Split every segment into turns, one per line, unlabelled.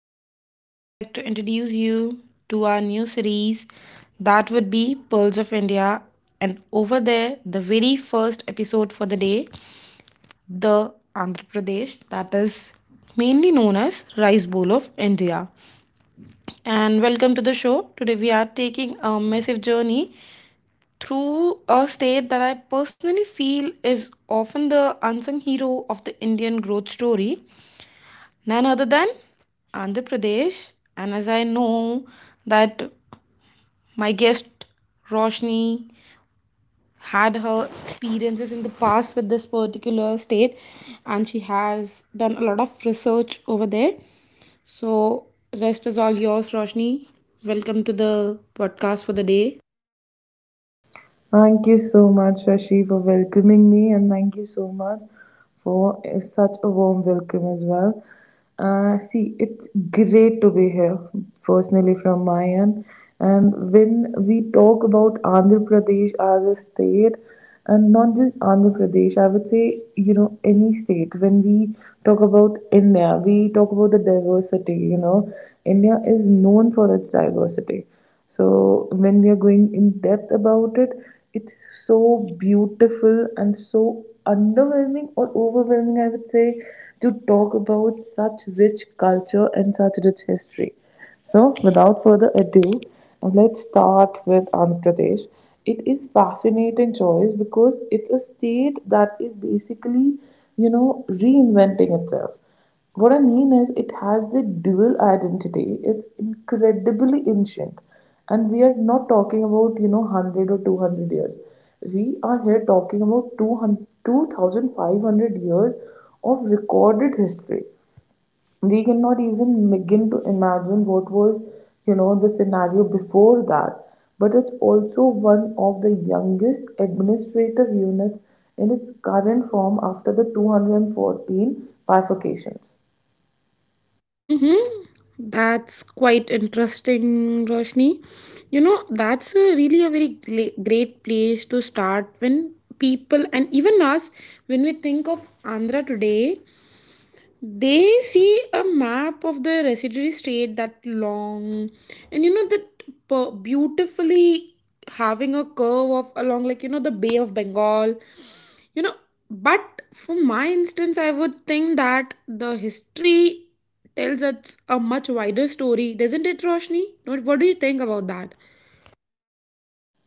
I, Shashi, would like to introduce you to our new series that would be Pearls of India. And over there, the very first episode for the day, the Andhra Pradesh, that is mainly known as Rice Bowl of India. And welcome to the show. Today, we are taking a massive journey through a state that I personally feel is often the unsung hero of the Indian growth story, none other than Andhra Pradesh. And as I know that my guest Roshni had her experiences in the past with this particular state, and she has done a lot of research over there. So, rest is all yours, Roshni. Welcome to the podcast for the day.
Thank you so much, Shashi, for welcoming me, and thank you so much for such a warm welcome as well. See, it's great to be here, personally, from my end. And when we talk about Andhra Pradesh as a state, and not just Andhra Pradesh, I would say, you know, any state, when we talk about India, we talk about the diversity, you know. India is known for its diversity. So when we are going in depth about it, it's so beautiful and so underwhelming or overwhelming, I would say, to talk about such rich culture and such rich history. So without further ado, let's start with Andhra Pradesh. It is fascinating choice because it's a state that is basically, you know, reinventing itself. What I mean is, it has the dual identity. It's incredibly ancient, and we are not talking about you know 100 or 200 years. We are here talking about 200 2,500 years of recorded history. We cannot even begin to imagine what was you know the scenario before that. But it's also one of the youngest administrative units in its current form after the 214 bifurcations.
Mm-hmm. That's quite interesting, Roshni. You know, that's a really a very great place to start when people and even us, when we think of Andhra today, they see a map of the residuary state that long and that beautifully having a curve of along, the Bay of Bengal. you know but for my instance, I would think that the history tells us a much wider story, doesn't it, Roshni? What do you think about that?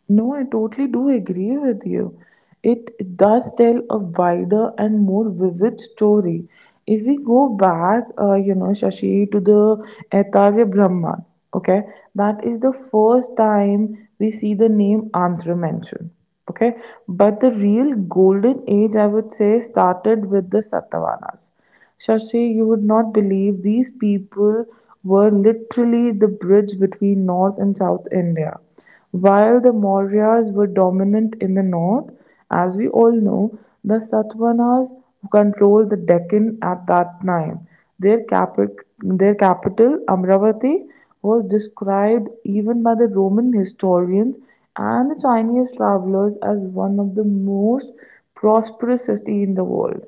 No, I totally do agree with you. It does tell a wider and more vivid story. If we go back, you know, Shashi, to the Aitarya Brahman, okay, that is the first time we see the name Andhra mentioned, okay. But the real golden age, I would say, started with the Satavahanas. Shashi, you would not believe these people were literally the bridge between North and South India. While the Mauryas were dominant in the north, as we all know, the Satavahanas controlled the Deccan at that time. Their capital, Amravati, was described even by the Roman historians and the Chinese travelers as one of the most prosperous cities in the world.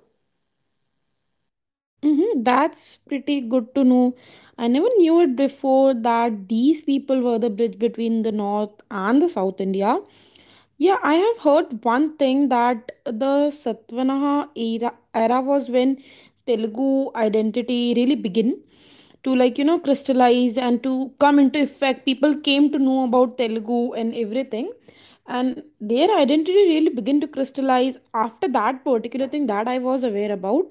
Mm-hmm, that's pretty good to know. I never knew it before that these people were the bridge between the North and the South India. Yeah, I have heard one thing that the Satvanaha era was when Telugu identity really began to crystallize and to come into effect. People came to know about Telugu and everything, and their identity really begin to crystallize after that particular thing that I was aware about.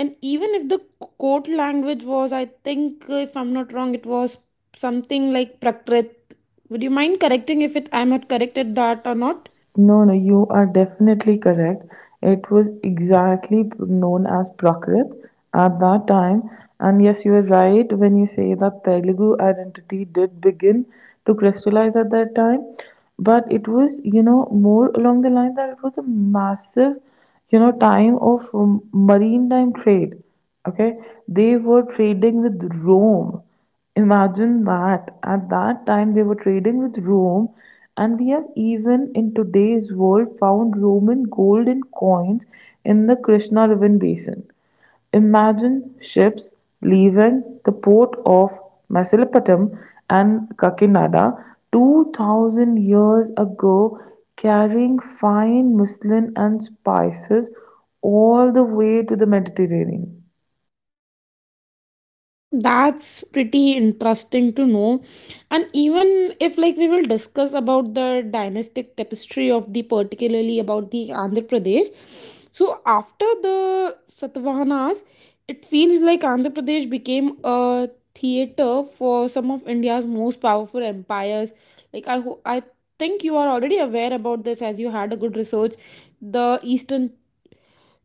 And even if the court language was, I think, if I'm not wrong, it was something like Prakrit. Would you mind correcting if it I'm not corrected that or not?
No, no, you are definitely correct. It was exactly known as Prakrit at that time. And yes, you are right when you say that Telugu identity did begin to crystallize at that time. But it was, you know, more along the line that it was a massive, you know, time of maritime trade. Okay, they were trading with Rome. Imagine that. At that time, they were trading with Rome, and we have even in today's world found Roman gold and coins in the Krishna River basin. Imagine ships leaving the port of Mesopotam and Kakinada 2000 years ago carrying fine muslin and spices all the way to the Mediterranean.
Hmm, that's pretty interesting to know. And even if, like, we will discuss about the dynastic tapestry of the particularly about the Andhra Pradesh, so after the Satavahanas, it feels like Andhra Pradesh became a theater for some of India's most powerful empires, like I think you are already aware about this as you had a good research, the eastern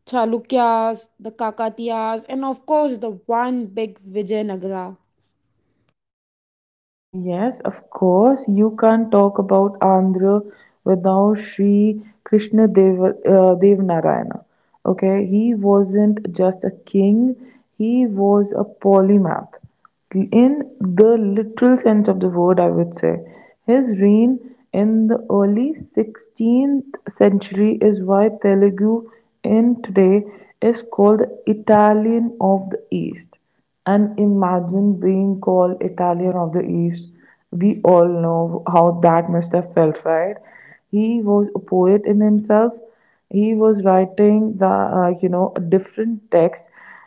Chalukyas, the Kakatiyas, and of course the one big Vijayanagara.
Yes, of course. You can't talk about Andhra without Sri Krishna Dev, Devanarayana. Okay, he wasn't just a king, he was a polymath. In the literal sense of the word, I would say. His reign in the early 16th century is why Telugu in today is called the Italian of the East. And imagine being called Italian of the East. We all know how that must have felt, right? He was a poet in himself. He was writing the you know a different text,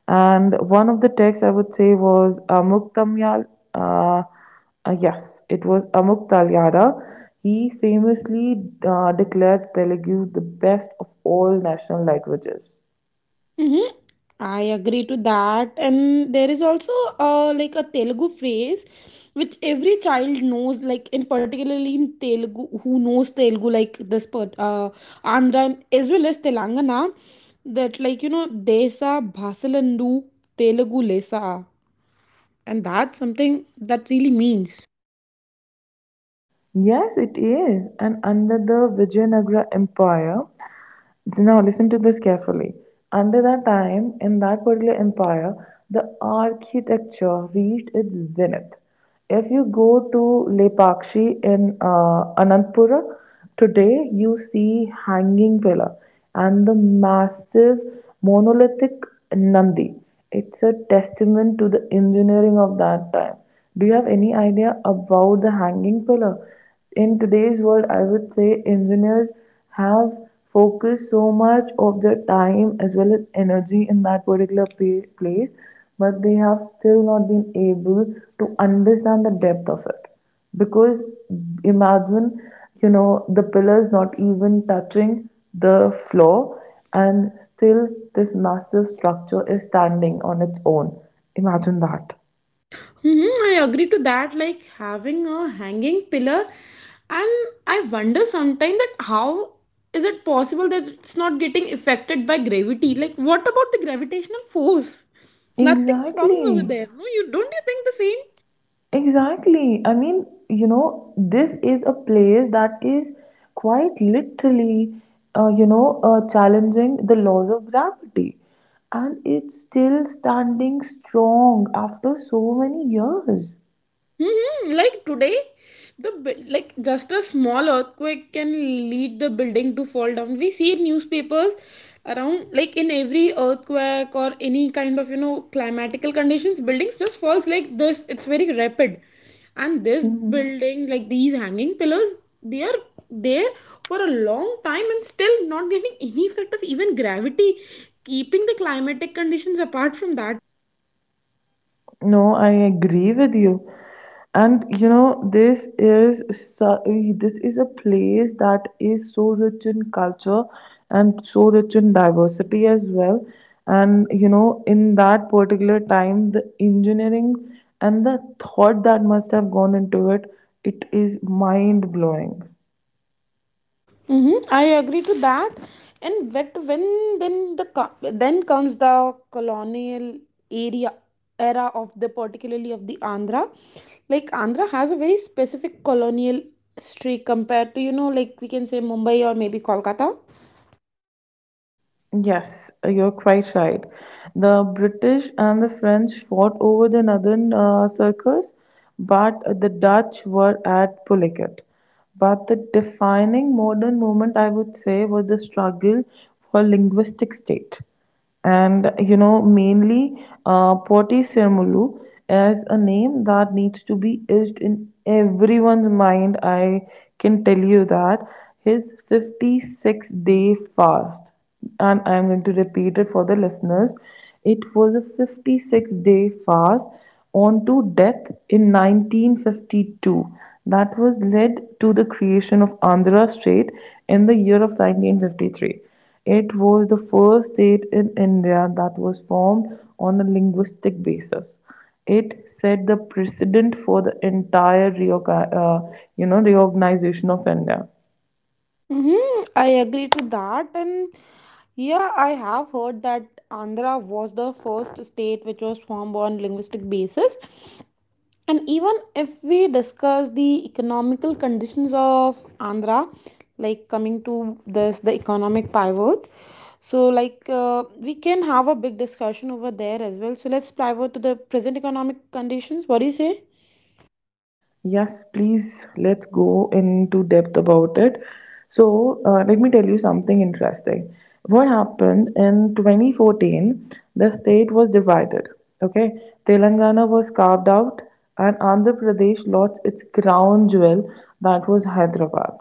and one of the texts I would say was Amuktamyal. Uh, yes, it was Amuk. He famously declared Telugu the best of all national languages.
Mm-hmm. I agree to that. And there is also like a Telugu phrase which every child knows, like in particularly in Telugu, who knows Telugu, like this part, Andhra and as well as Telangana, that, like, you know, Desa Bhasalandu Telugu Lesa. And that's something that really means.
Yes, it is. And under the Vijayanagara Empire, now listen to this carefully. Under that time, in that particular empire, the architecture reached its zenith. If you go to Lepakshi in Anantapura, today you see hanging pillar and the massive monolithic Nandi. It's a testament to the engineering of that time. Do you have any idea about the hanging pillar? In today's world, I would say engineers have focused so much of their time as well as energy in that place, but they have still not been able to understand the depth of it. Because imagine, you know, the pillars not even touching the floor, and still this massive structure is standing on its own. Imagine that.
Mm-hmm, I agree to that. Like having a hanging pillar, and I wonder sometimes that how is it possible that it's not getting affected by gravity? Like, what about the gravitational force? Nothing comes over
Exactly.
there. No, you don't. You think the same?
Exactly. I mean, you know, this is a place that is quite literally, challenging the laws of gravity. And it's still standing strong after so many years.
Like today, the like just a small earthquake can lead the building to fall down. We see in newspapers around, like, in every earthquake or any kind of, you know, climatical conditions, buildings just falls like this. It's very rapid, and this building, like these hanging pillars, they are there for a long time and still not getting any effect of even gravity, keeping the climatic conditions apart from that.
No, I agree with you. And you know, this is a place that is so rich in culture and so rich in diversity as well. And you know, in that particular time, the engineering and the thought that must have gone into it, it is mind blowing.
Mm-hmm. I agree to that. And wet when then the co- then comes the colonial area era of the particularly of the Andhra. Like Andhra has a very specific colonial history compared to, you know, like we can say Mumbai or maybe Kolkata.
Yes, you're quite right. The British and the French fought over the northern circus, but the Dutch were at Pulliket. But the defining modern moment, I would say, was the struggle for linguistic state and you know mainly Poti Sirmulu as a name that needs to be etched in everyone's mind. I can tell you that his 56-day fast, and I am going to repeat it for the listeners. It was a 56-day fast on to death in 1952 that was led to the creation of Andhra State in the year of 1953. It was the first state in India that was formed on a linguistic basis. It set the precedent for the entire you know reorganization of India.
Mm-hmm. I agree to that. And yeah, I have heard that Andhra was the first state which was formed on linguistic basis. And even if we discuss the economical conditions of Andhra, like coming to this the economic pivot, so, like, we can have a big discussion over there as well, so let's pivot to the present economic conditions. What do you say?
Yes, please, let's go into depth about it. So, let me tell you something interesting. What happened in 2014, the state was divided. Okay, Telangana was carved out, and Andhra Pradesh lost its crown jewel, that was Hyderabad.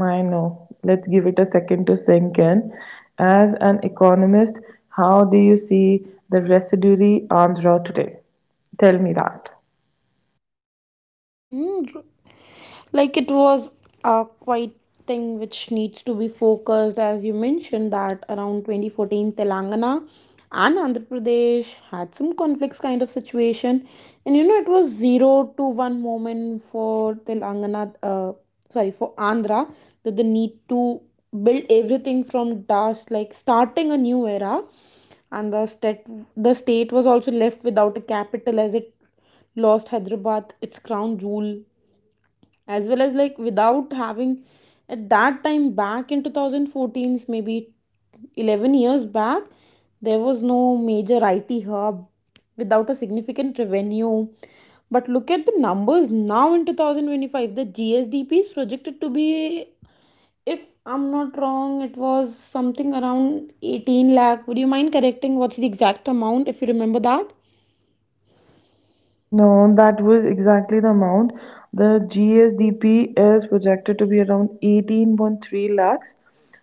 I know, let's give it a second to sink in. As an economist, how do you see the residuary Andhra today? Tell me that.
Mm-hmm. Like, it was a quite thing which needs to be focused, as you mentioned that around 2014 Telangana and Andhra Pradesh had some conflicts kind of situation. And you know it was 0 to 1 moment for telangana uh, sorry, for Andhra, that they need to build everything from dust, like starting a new era. And the state was also left without a capital as it lost Hyderabad, its crown jewel, as well as like without having at that time back in 2014, maybe 11 years back, there was no major IT hub without a significant revenue. But look at the numbers now. In 2025, the GSDP is projected to be, if I'm not wrong, it was something around 18 lakh. Would you mind correcting what's the exact amount if you remember that?
No, that was exactly the amount. The GSDP is projected to be around 18.3 lakhs,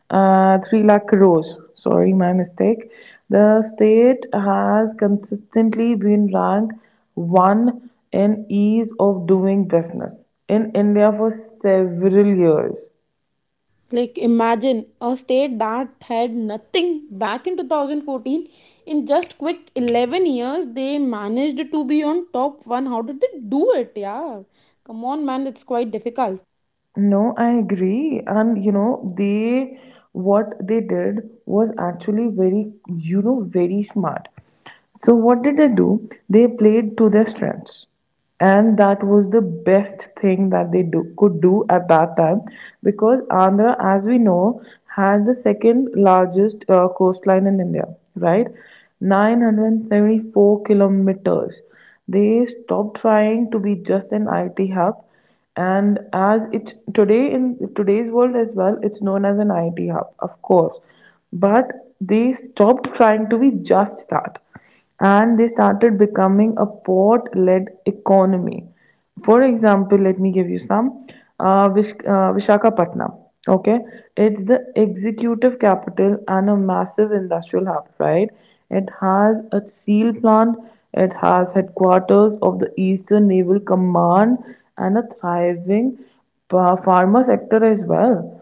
3 lakh crores. Sorry, my mistake. The state has consistently been ranked one in ease of doing business in India for several years.
Like, imagine a state that had nothing back in 2014. In just quick 11 years, they managed to be on top one. How did they do it? Yeah. Come on, man. It's quite difficult.
No, I agree. And you know, they what they did was actually very, you know, very smart. So what did they do? They played to their strengths. And that was the best thing that could do at that time because Andhra, as we know, has the second largest coastline in India, right? 974 kilometers. They stopped trying to be just an IT hub and as it today in today's world as well it's known as an IT hub of course, but they stopped trying to be just that, and they started becoming a port led economy. For example, let me give you some. Vishakhapatnam, okay, it's the executive capital and a massive industrial hub, right? It has a steel plant, it has headquarters of the Eastern Naval Command, and a thriving pharma sector as well.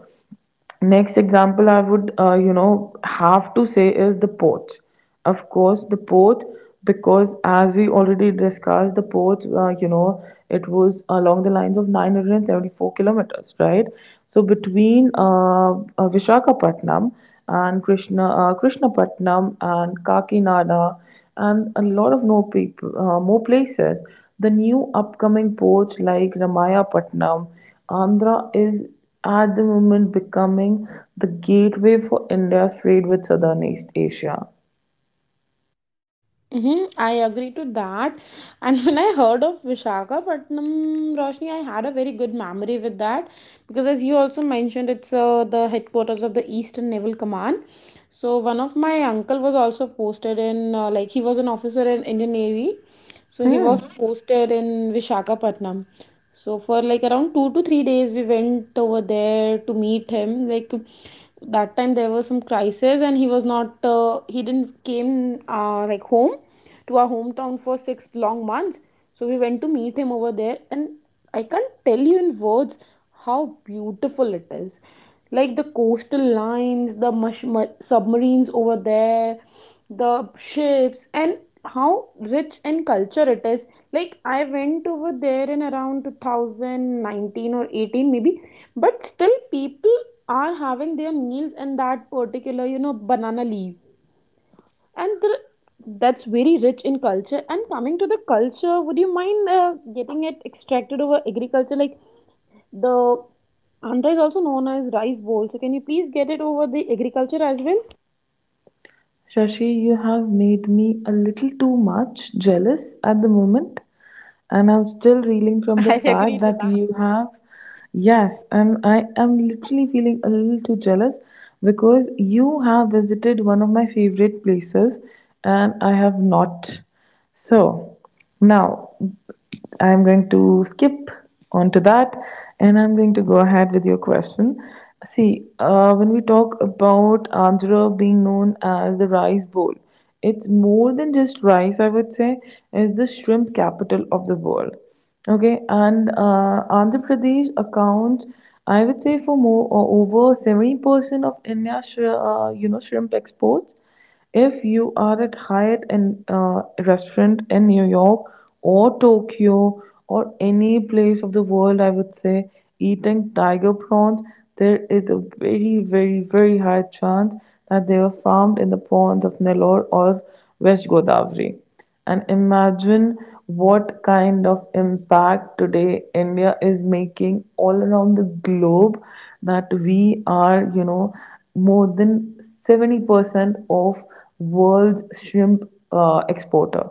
Next example I would, you know, have to say is the ports. Of course, the port, because as we already discussed, the port, you know, it was along the lines of 974 kilometers, right? So between Vishakhapatnam and Krishnapatnam and Kakinada and a lot of more places, the new upcoming ports like Ramayapatnam, Andhra is at the moment becoming the gateway for India's trade with Southern East Asia.
I agree to that. And when I heard of Visakhapatnam, Roshni, I had a very good memory with that because, as you also mentioned, it's the headquarters of the Eastern Naval Command. So one of my uncle was also posted in, like he was an officer in Indian Navy, so he
Hmm.
was posted in Visakhapatnam. So for like around 2 to 3 days, we went over there to meet him. Like that time there was some crisis and he was not he didn't came like home to our hometown for 6 long months. So we went to meet him over there, and I can't tell you in words how beautiful it is. Like the coastal lines, the submarines over there, the ships, and how rich in culture it is. Like I went over there in around 2019 or 18, maybe, but still people are having their meals in that particular, you know, banana leaf. And that's very rich in culture. And coming to the culture, would you mind getting it extracted over agriculture, like the Andhra is also known as rice bowl? So can you please get it over the agriculture as well?
Shashi, you have made me a little too much jealous at the moment, and I'm still reeling from the
I
fact
agree to
that
that.
you have. Yes, and I am literally feeling a little too jealous because you have visited one of my favorite places and I have not. So now I'm going to skip onto that and I'm going to go ahead with your question. See, when we talk about Andhra being known as the rice bowl, it's more than just rice, I would say, is the shrimp capital of the world. Okay, and Andhra Pradesh accounts, I would say, for more or over 70% of India's you know shrimp exports. If you are at Hyatt and restaurant in New York or Tokyo or any place of the world, I would say, eating tiger prawns, there is a very, very, very high chance that they were farmed in the ponds of Nellore or West Godavari. And imagine what kind of impact today India is making all around the globe that we are, you know, more than 70% of world's shrimp exporter.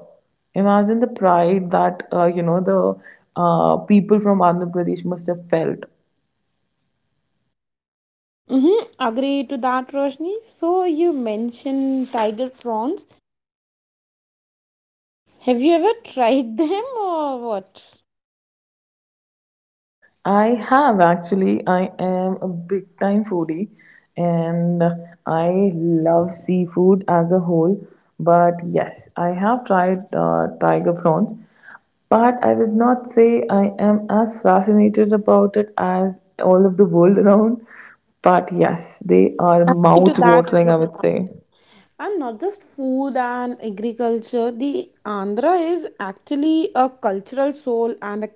Imagine the pride that you know the people from Andhra Pradesh must have felt.
Mm-hmm, agree to that, Roshni. So you mentioned tiger prawns. Have you ever tried them or what?
I have actually. I am a big time foodie, and I love seafood as a whole. But yes, I have tried tiger prawns, but I would not say I am as fascinated about it as all of the world around. But yes, they are
Agree to
mouth
that,
watering,
agree
I
to
would
that.
say.
And not just food and agriculture, the Andhra is actually a cultural soul and a—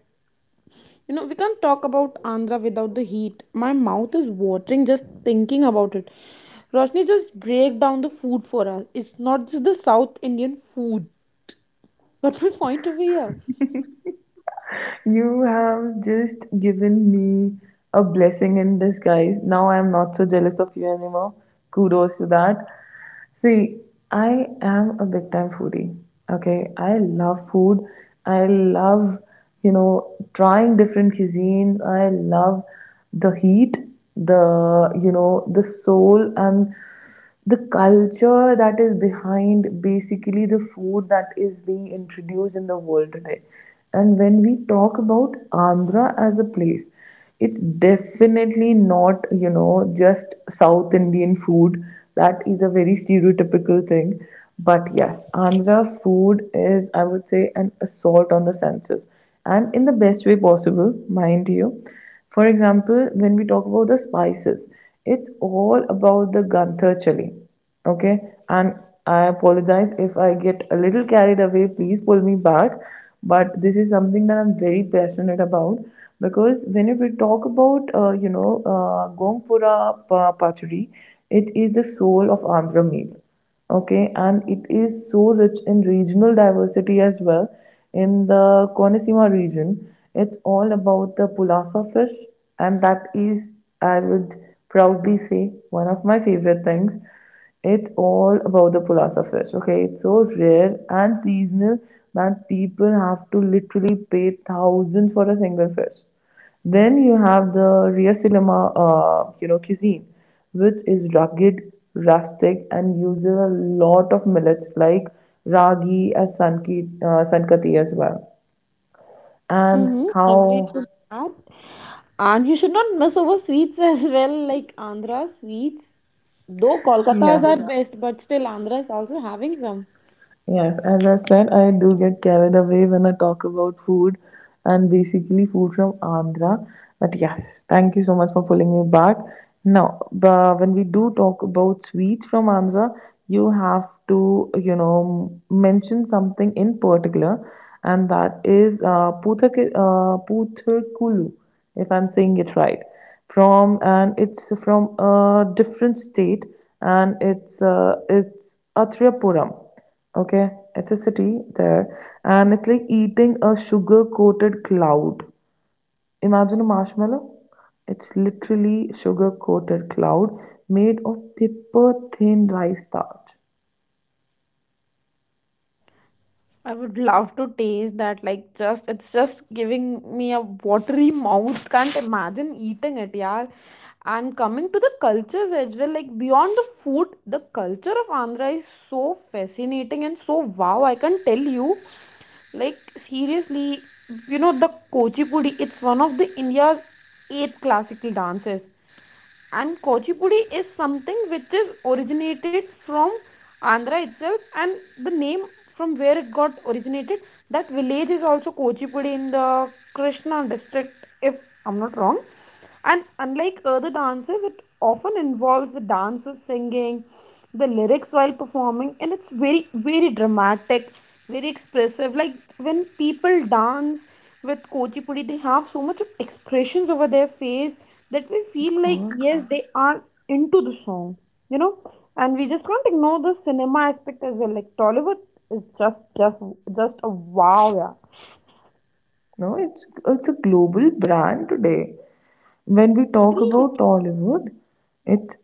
You know, we can't talk about Andhra without the heat. My mouth is watering just thinking about it. Roshni, just break down the food for us. It's not just the South Indian food. But my point over here.
You have just given me a blessing in disguise. Now I'm not so jealous of you anymore. Kudos to that. See, I am a big time foodie. Okay, I love food. I love, you know, trying different cuisines. I love the heat, the, you know, the soul and the culture that is behind basically the food that is being introduced in the world today. And when we talk about Andhra as a place, it's definitely not, just South Indian food. That is a very stereotypical thing. But yes, Andhra food is, I would say, an assault on the senses and in the best way possible, mind you. For example, when we talk about the spices, it's all about the Gantha chili. Okay, and I apologize if I get a little carried away. Please pull me back. But this is something that I'm very passionate about because when we talk about, Pachadi, it is the soul of Andhra meal. Okay, and it is so rich in regional diversity as well. In the Konesima region, it's all about the pulasa fish, and that is, I would proudly say, one of my favorite things. It's all about the pulasa fish. Okay, it's so rare and seasonal that people have to literally pay thousands for a single fish. Then you have the Riyasilama, cuisine, which is rugged, rustic, and uses a lot of millets like sankati as well. And
Mm-hmm. Agree
how,
to that. And you should not mess over sweets as well, like Andhra sweets. Though Kolkata's
yes,
are best, but still Andhra is also having some.
Yes, as I said, I do get carried away when I talk about food and basically food from Andhra. But yes, thank you so much for pulling me back. Now, but when we do talk about sweets from Andhra, you have to, you know, mention something in particular, and that is Putharkulu, if I'm saying it right. From and it's from a different state, and it's it's Atriapuram. Okay, it's a city there, and it's like eating a sugar coated cloud. Imagine a marshmallow. It's literally sugar coated cloud made of paper thin rice starch.
I would love to taste that. Like, just it's just giving me a watery mouth. Can't imagine eating it, yeah. And coming to the cultures as well, like beyond the food, the culture of Andhra is so fascinating and so wow. I can tell you, like seriously, you know the Kuchipudi. It's one of the India's eight classical dances, and Kuchipudi is something which is originated from Andhra itself. And the name from where it got originated, that village is also Kuchipudi in the Krishna district, if I'm not wrong. And unlike other dances, it often involves the dancers singing the lyrics while performing, and it's very, very dramatic, very expressive. Like when people dance with Kuchipudi, they have so much of expressions over their face that we
Of
feel like
course.
yes, they are into the song, you know. And we just can't ignore the cinema aspect as well. Like Tollywood is just a wow, yeah.
No, it's a global brand today. When we talk about Tollywood, it's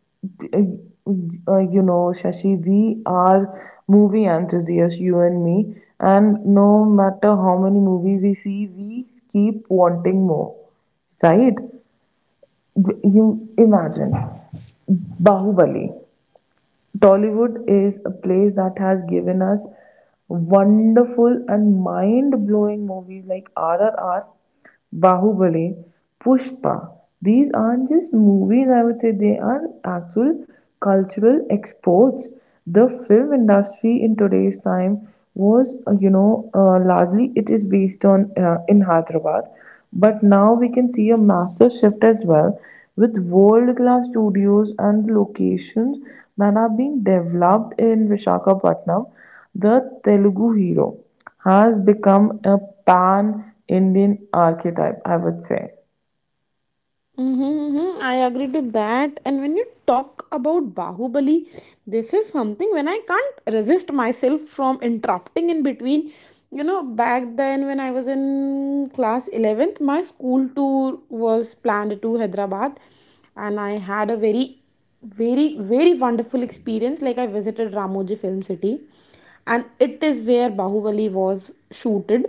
Shashi, we are movie enthusiasts, you and me, and no matter how many movies we see, we keep wanting more, right? You imagine Bahubali. Tollywood is a place that has given us wonderful and mind blowing movies like RRR, Bahubali, Pushpa. These aren't just movies, I would say, they are actual cultural exports. The film industry in today's time was, largely it is based on in Hyderabad, but now we can see a massive shift as well with world class studios and locations that are being developed in Vishakhapatnam, the Telugu hero has become a pan-Indian archetype, I would say.
Mm-hmm, mm-hmm. I agree to that. And when you talk about Bahubali, this is something when I can't resist myself from interrupting in between. You know, back then when I was in class 11th, my school tour was planned to Hyderabad, and I had a very, very, very wonderful experience. Like, I visited Ramoji Film City, and it is where Bahubali was shooted,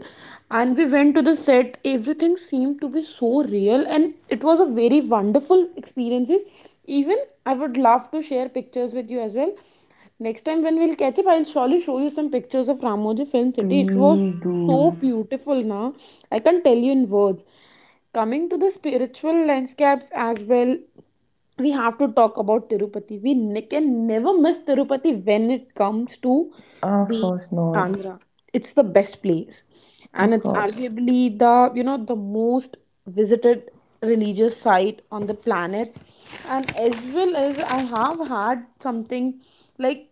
and we went to the set. Everything seemed to be so real, and it was a very wonderful experiences. Even I would love to share pictures with you as well. Next time when we'll catch up, I'll surely show you some pictures of Ramoji Film City. It was
Please
so
do.
beautiful, na? I can't tell you in words. Coming to the spiritual landscapes as well, we have to talk about Tirupati. Can never miss Tirupati when it comes to
Of
the
course not.
Andhra. It's the best place, and
Of
it's
course.
arguably the, you know, the most visited religious site on the planet. And as well as I have had something like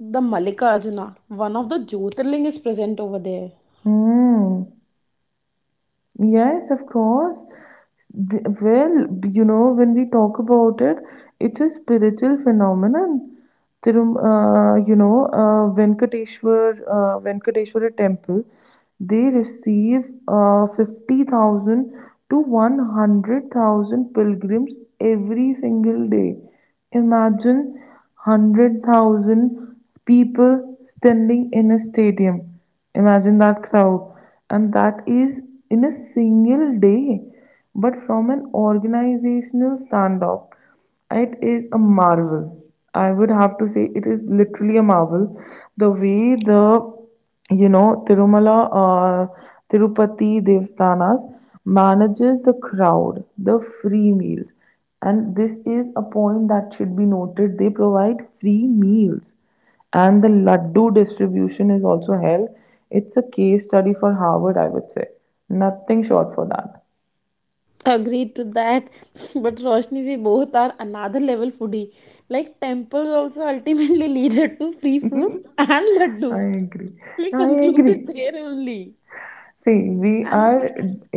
the Mallikarjuna, one of the Jyotirling is present over there.
Hmm. Yes, of course. Well, you know, when we talk about it, it's a spiritual phenomenon. Thirum, you know, Venkateshwar, Venkateshwara temple, they receive 50,000 to 100,000 pilgrims every single day. Imagine 100,000 people standing in a stadium. Imagine that crowd. And that is in a single day, but from an organizational standoff. It is a marvel. I would have to say it is literally a marvel. The way the, you know, Tirumala, uh, Tirupati Devstanas manages the crowd, the free meals. And this is a point that should be noted. They provide free meals. And the Laddu distribution is also held. It's a case study for Harvard, I would say. Nothing short for that.
Agreed to that. But Roshni, we both are another level foodie. Like temples also ultimately leaded to free food and laddu.
I agree.
We
I
concluded
agree.
there only.
See, we
And—
are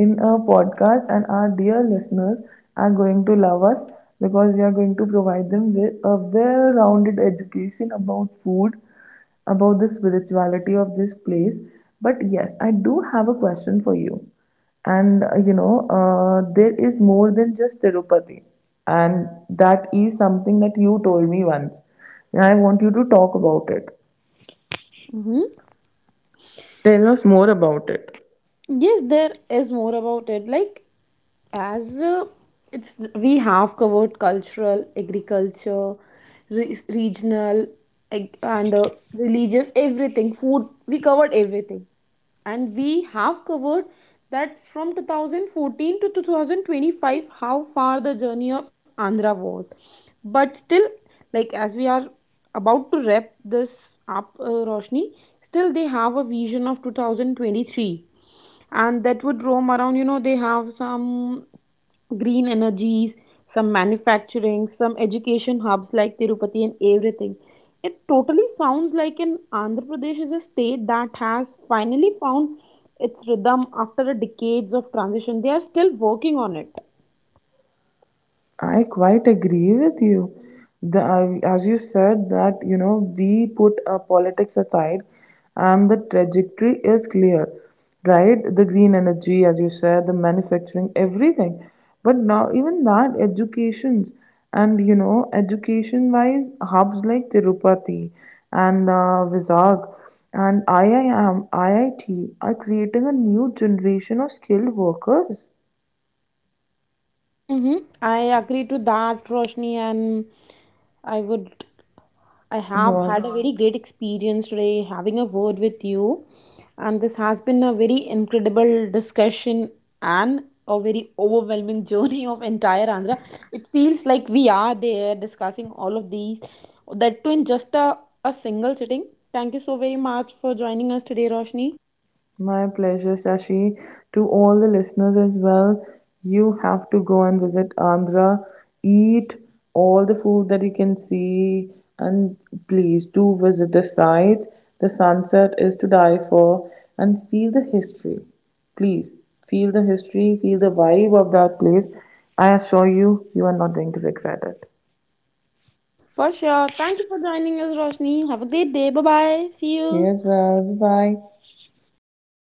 in a podcast, and our dear listeners are going to love us because we are going to provide them with a well rounded education about food, about the spirituality of this place. But yes, I do have a question for you. And there is more than just Tirupati, and that is something that you told me once. And I want you to talk about it.
Mhm.
Tell us more about it.
Yes, there is more about it. Like, as it's we have covered cultural, agriculture, regional, ag- and religious, everything, food. We covered everything. And we have covered that from 2014 to 2025, how far the journey of Andhra was. But still, like, as we are about to wrap this up, Roshni, still they have a vision of 2023, and that would roam around, you know, they have some green energies, some manufacturing, some education hubs like Tirupati and everything. It totally sounds like an Andhra Pradesh is a state that has finally found its rhythm after a decades of transition. They are still working on it.
I quite agree with you. As you said that you know we put politics aside, and the trajectory is clear, right? The green energy, as you said, the manufacturing, everything. But now even that educations and you know education-wise hubs like Tirupati and Vizag and IIM, IIT are creating a new generation of skilled workers.
Mm-hmm. I agree to that, Roshni. And I would I have
Yeah.
had a very great experience today having a word with you, and this has been a very incredible discussion and a very overwhelming journey of entire Andhra. It feels like we are there discussing all of these, that too in just a single sitting. Thank you so very much for joining us today, Roshni.
My pleasure, Shashi. To all the listeners as well, you have to go and visit Andhra. Eat all the food that you can see, and please do visit the sites. The sunset is to die for, and feel the history. Please feel the history, feel the vibe of that place. I assure you, you are not going to regret it.
For sure. Thank you for joining us, Roshni. Have a great day. Bye bye. See
You
you.
as well. Bye bye.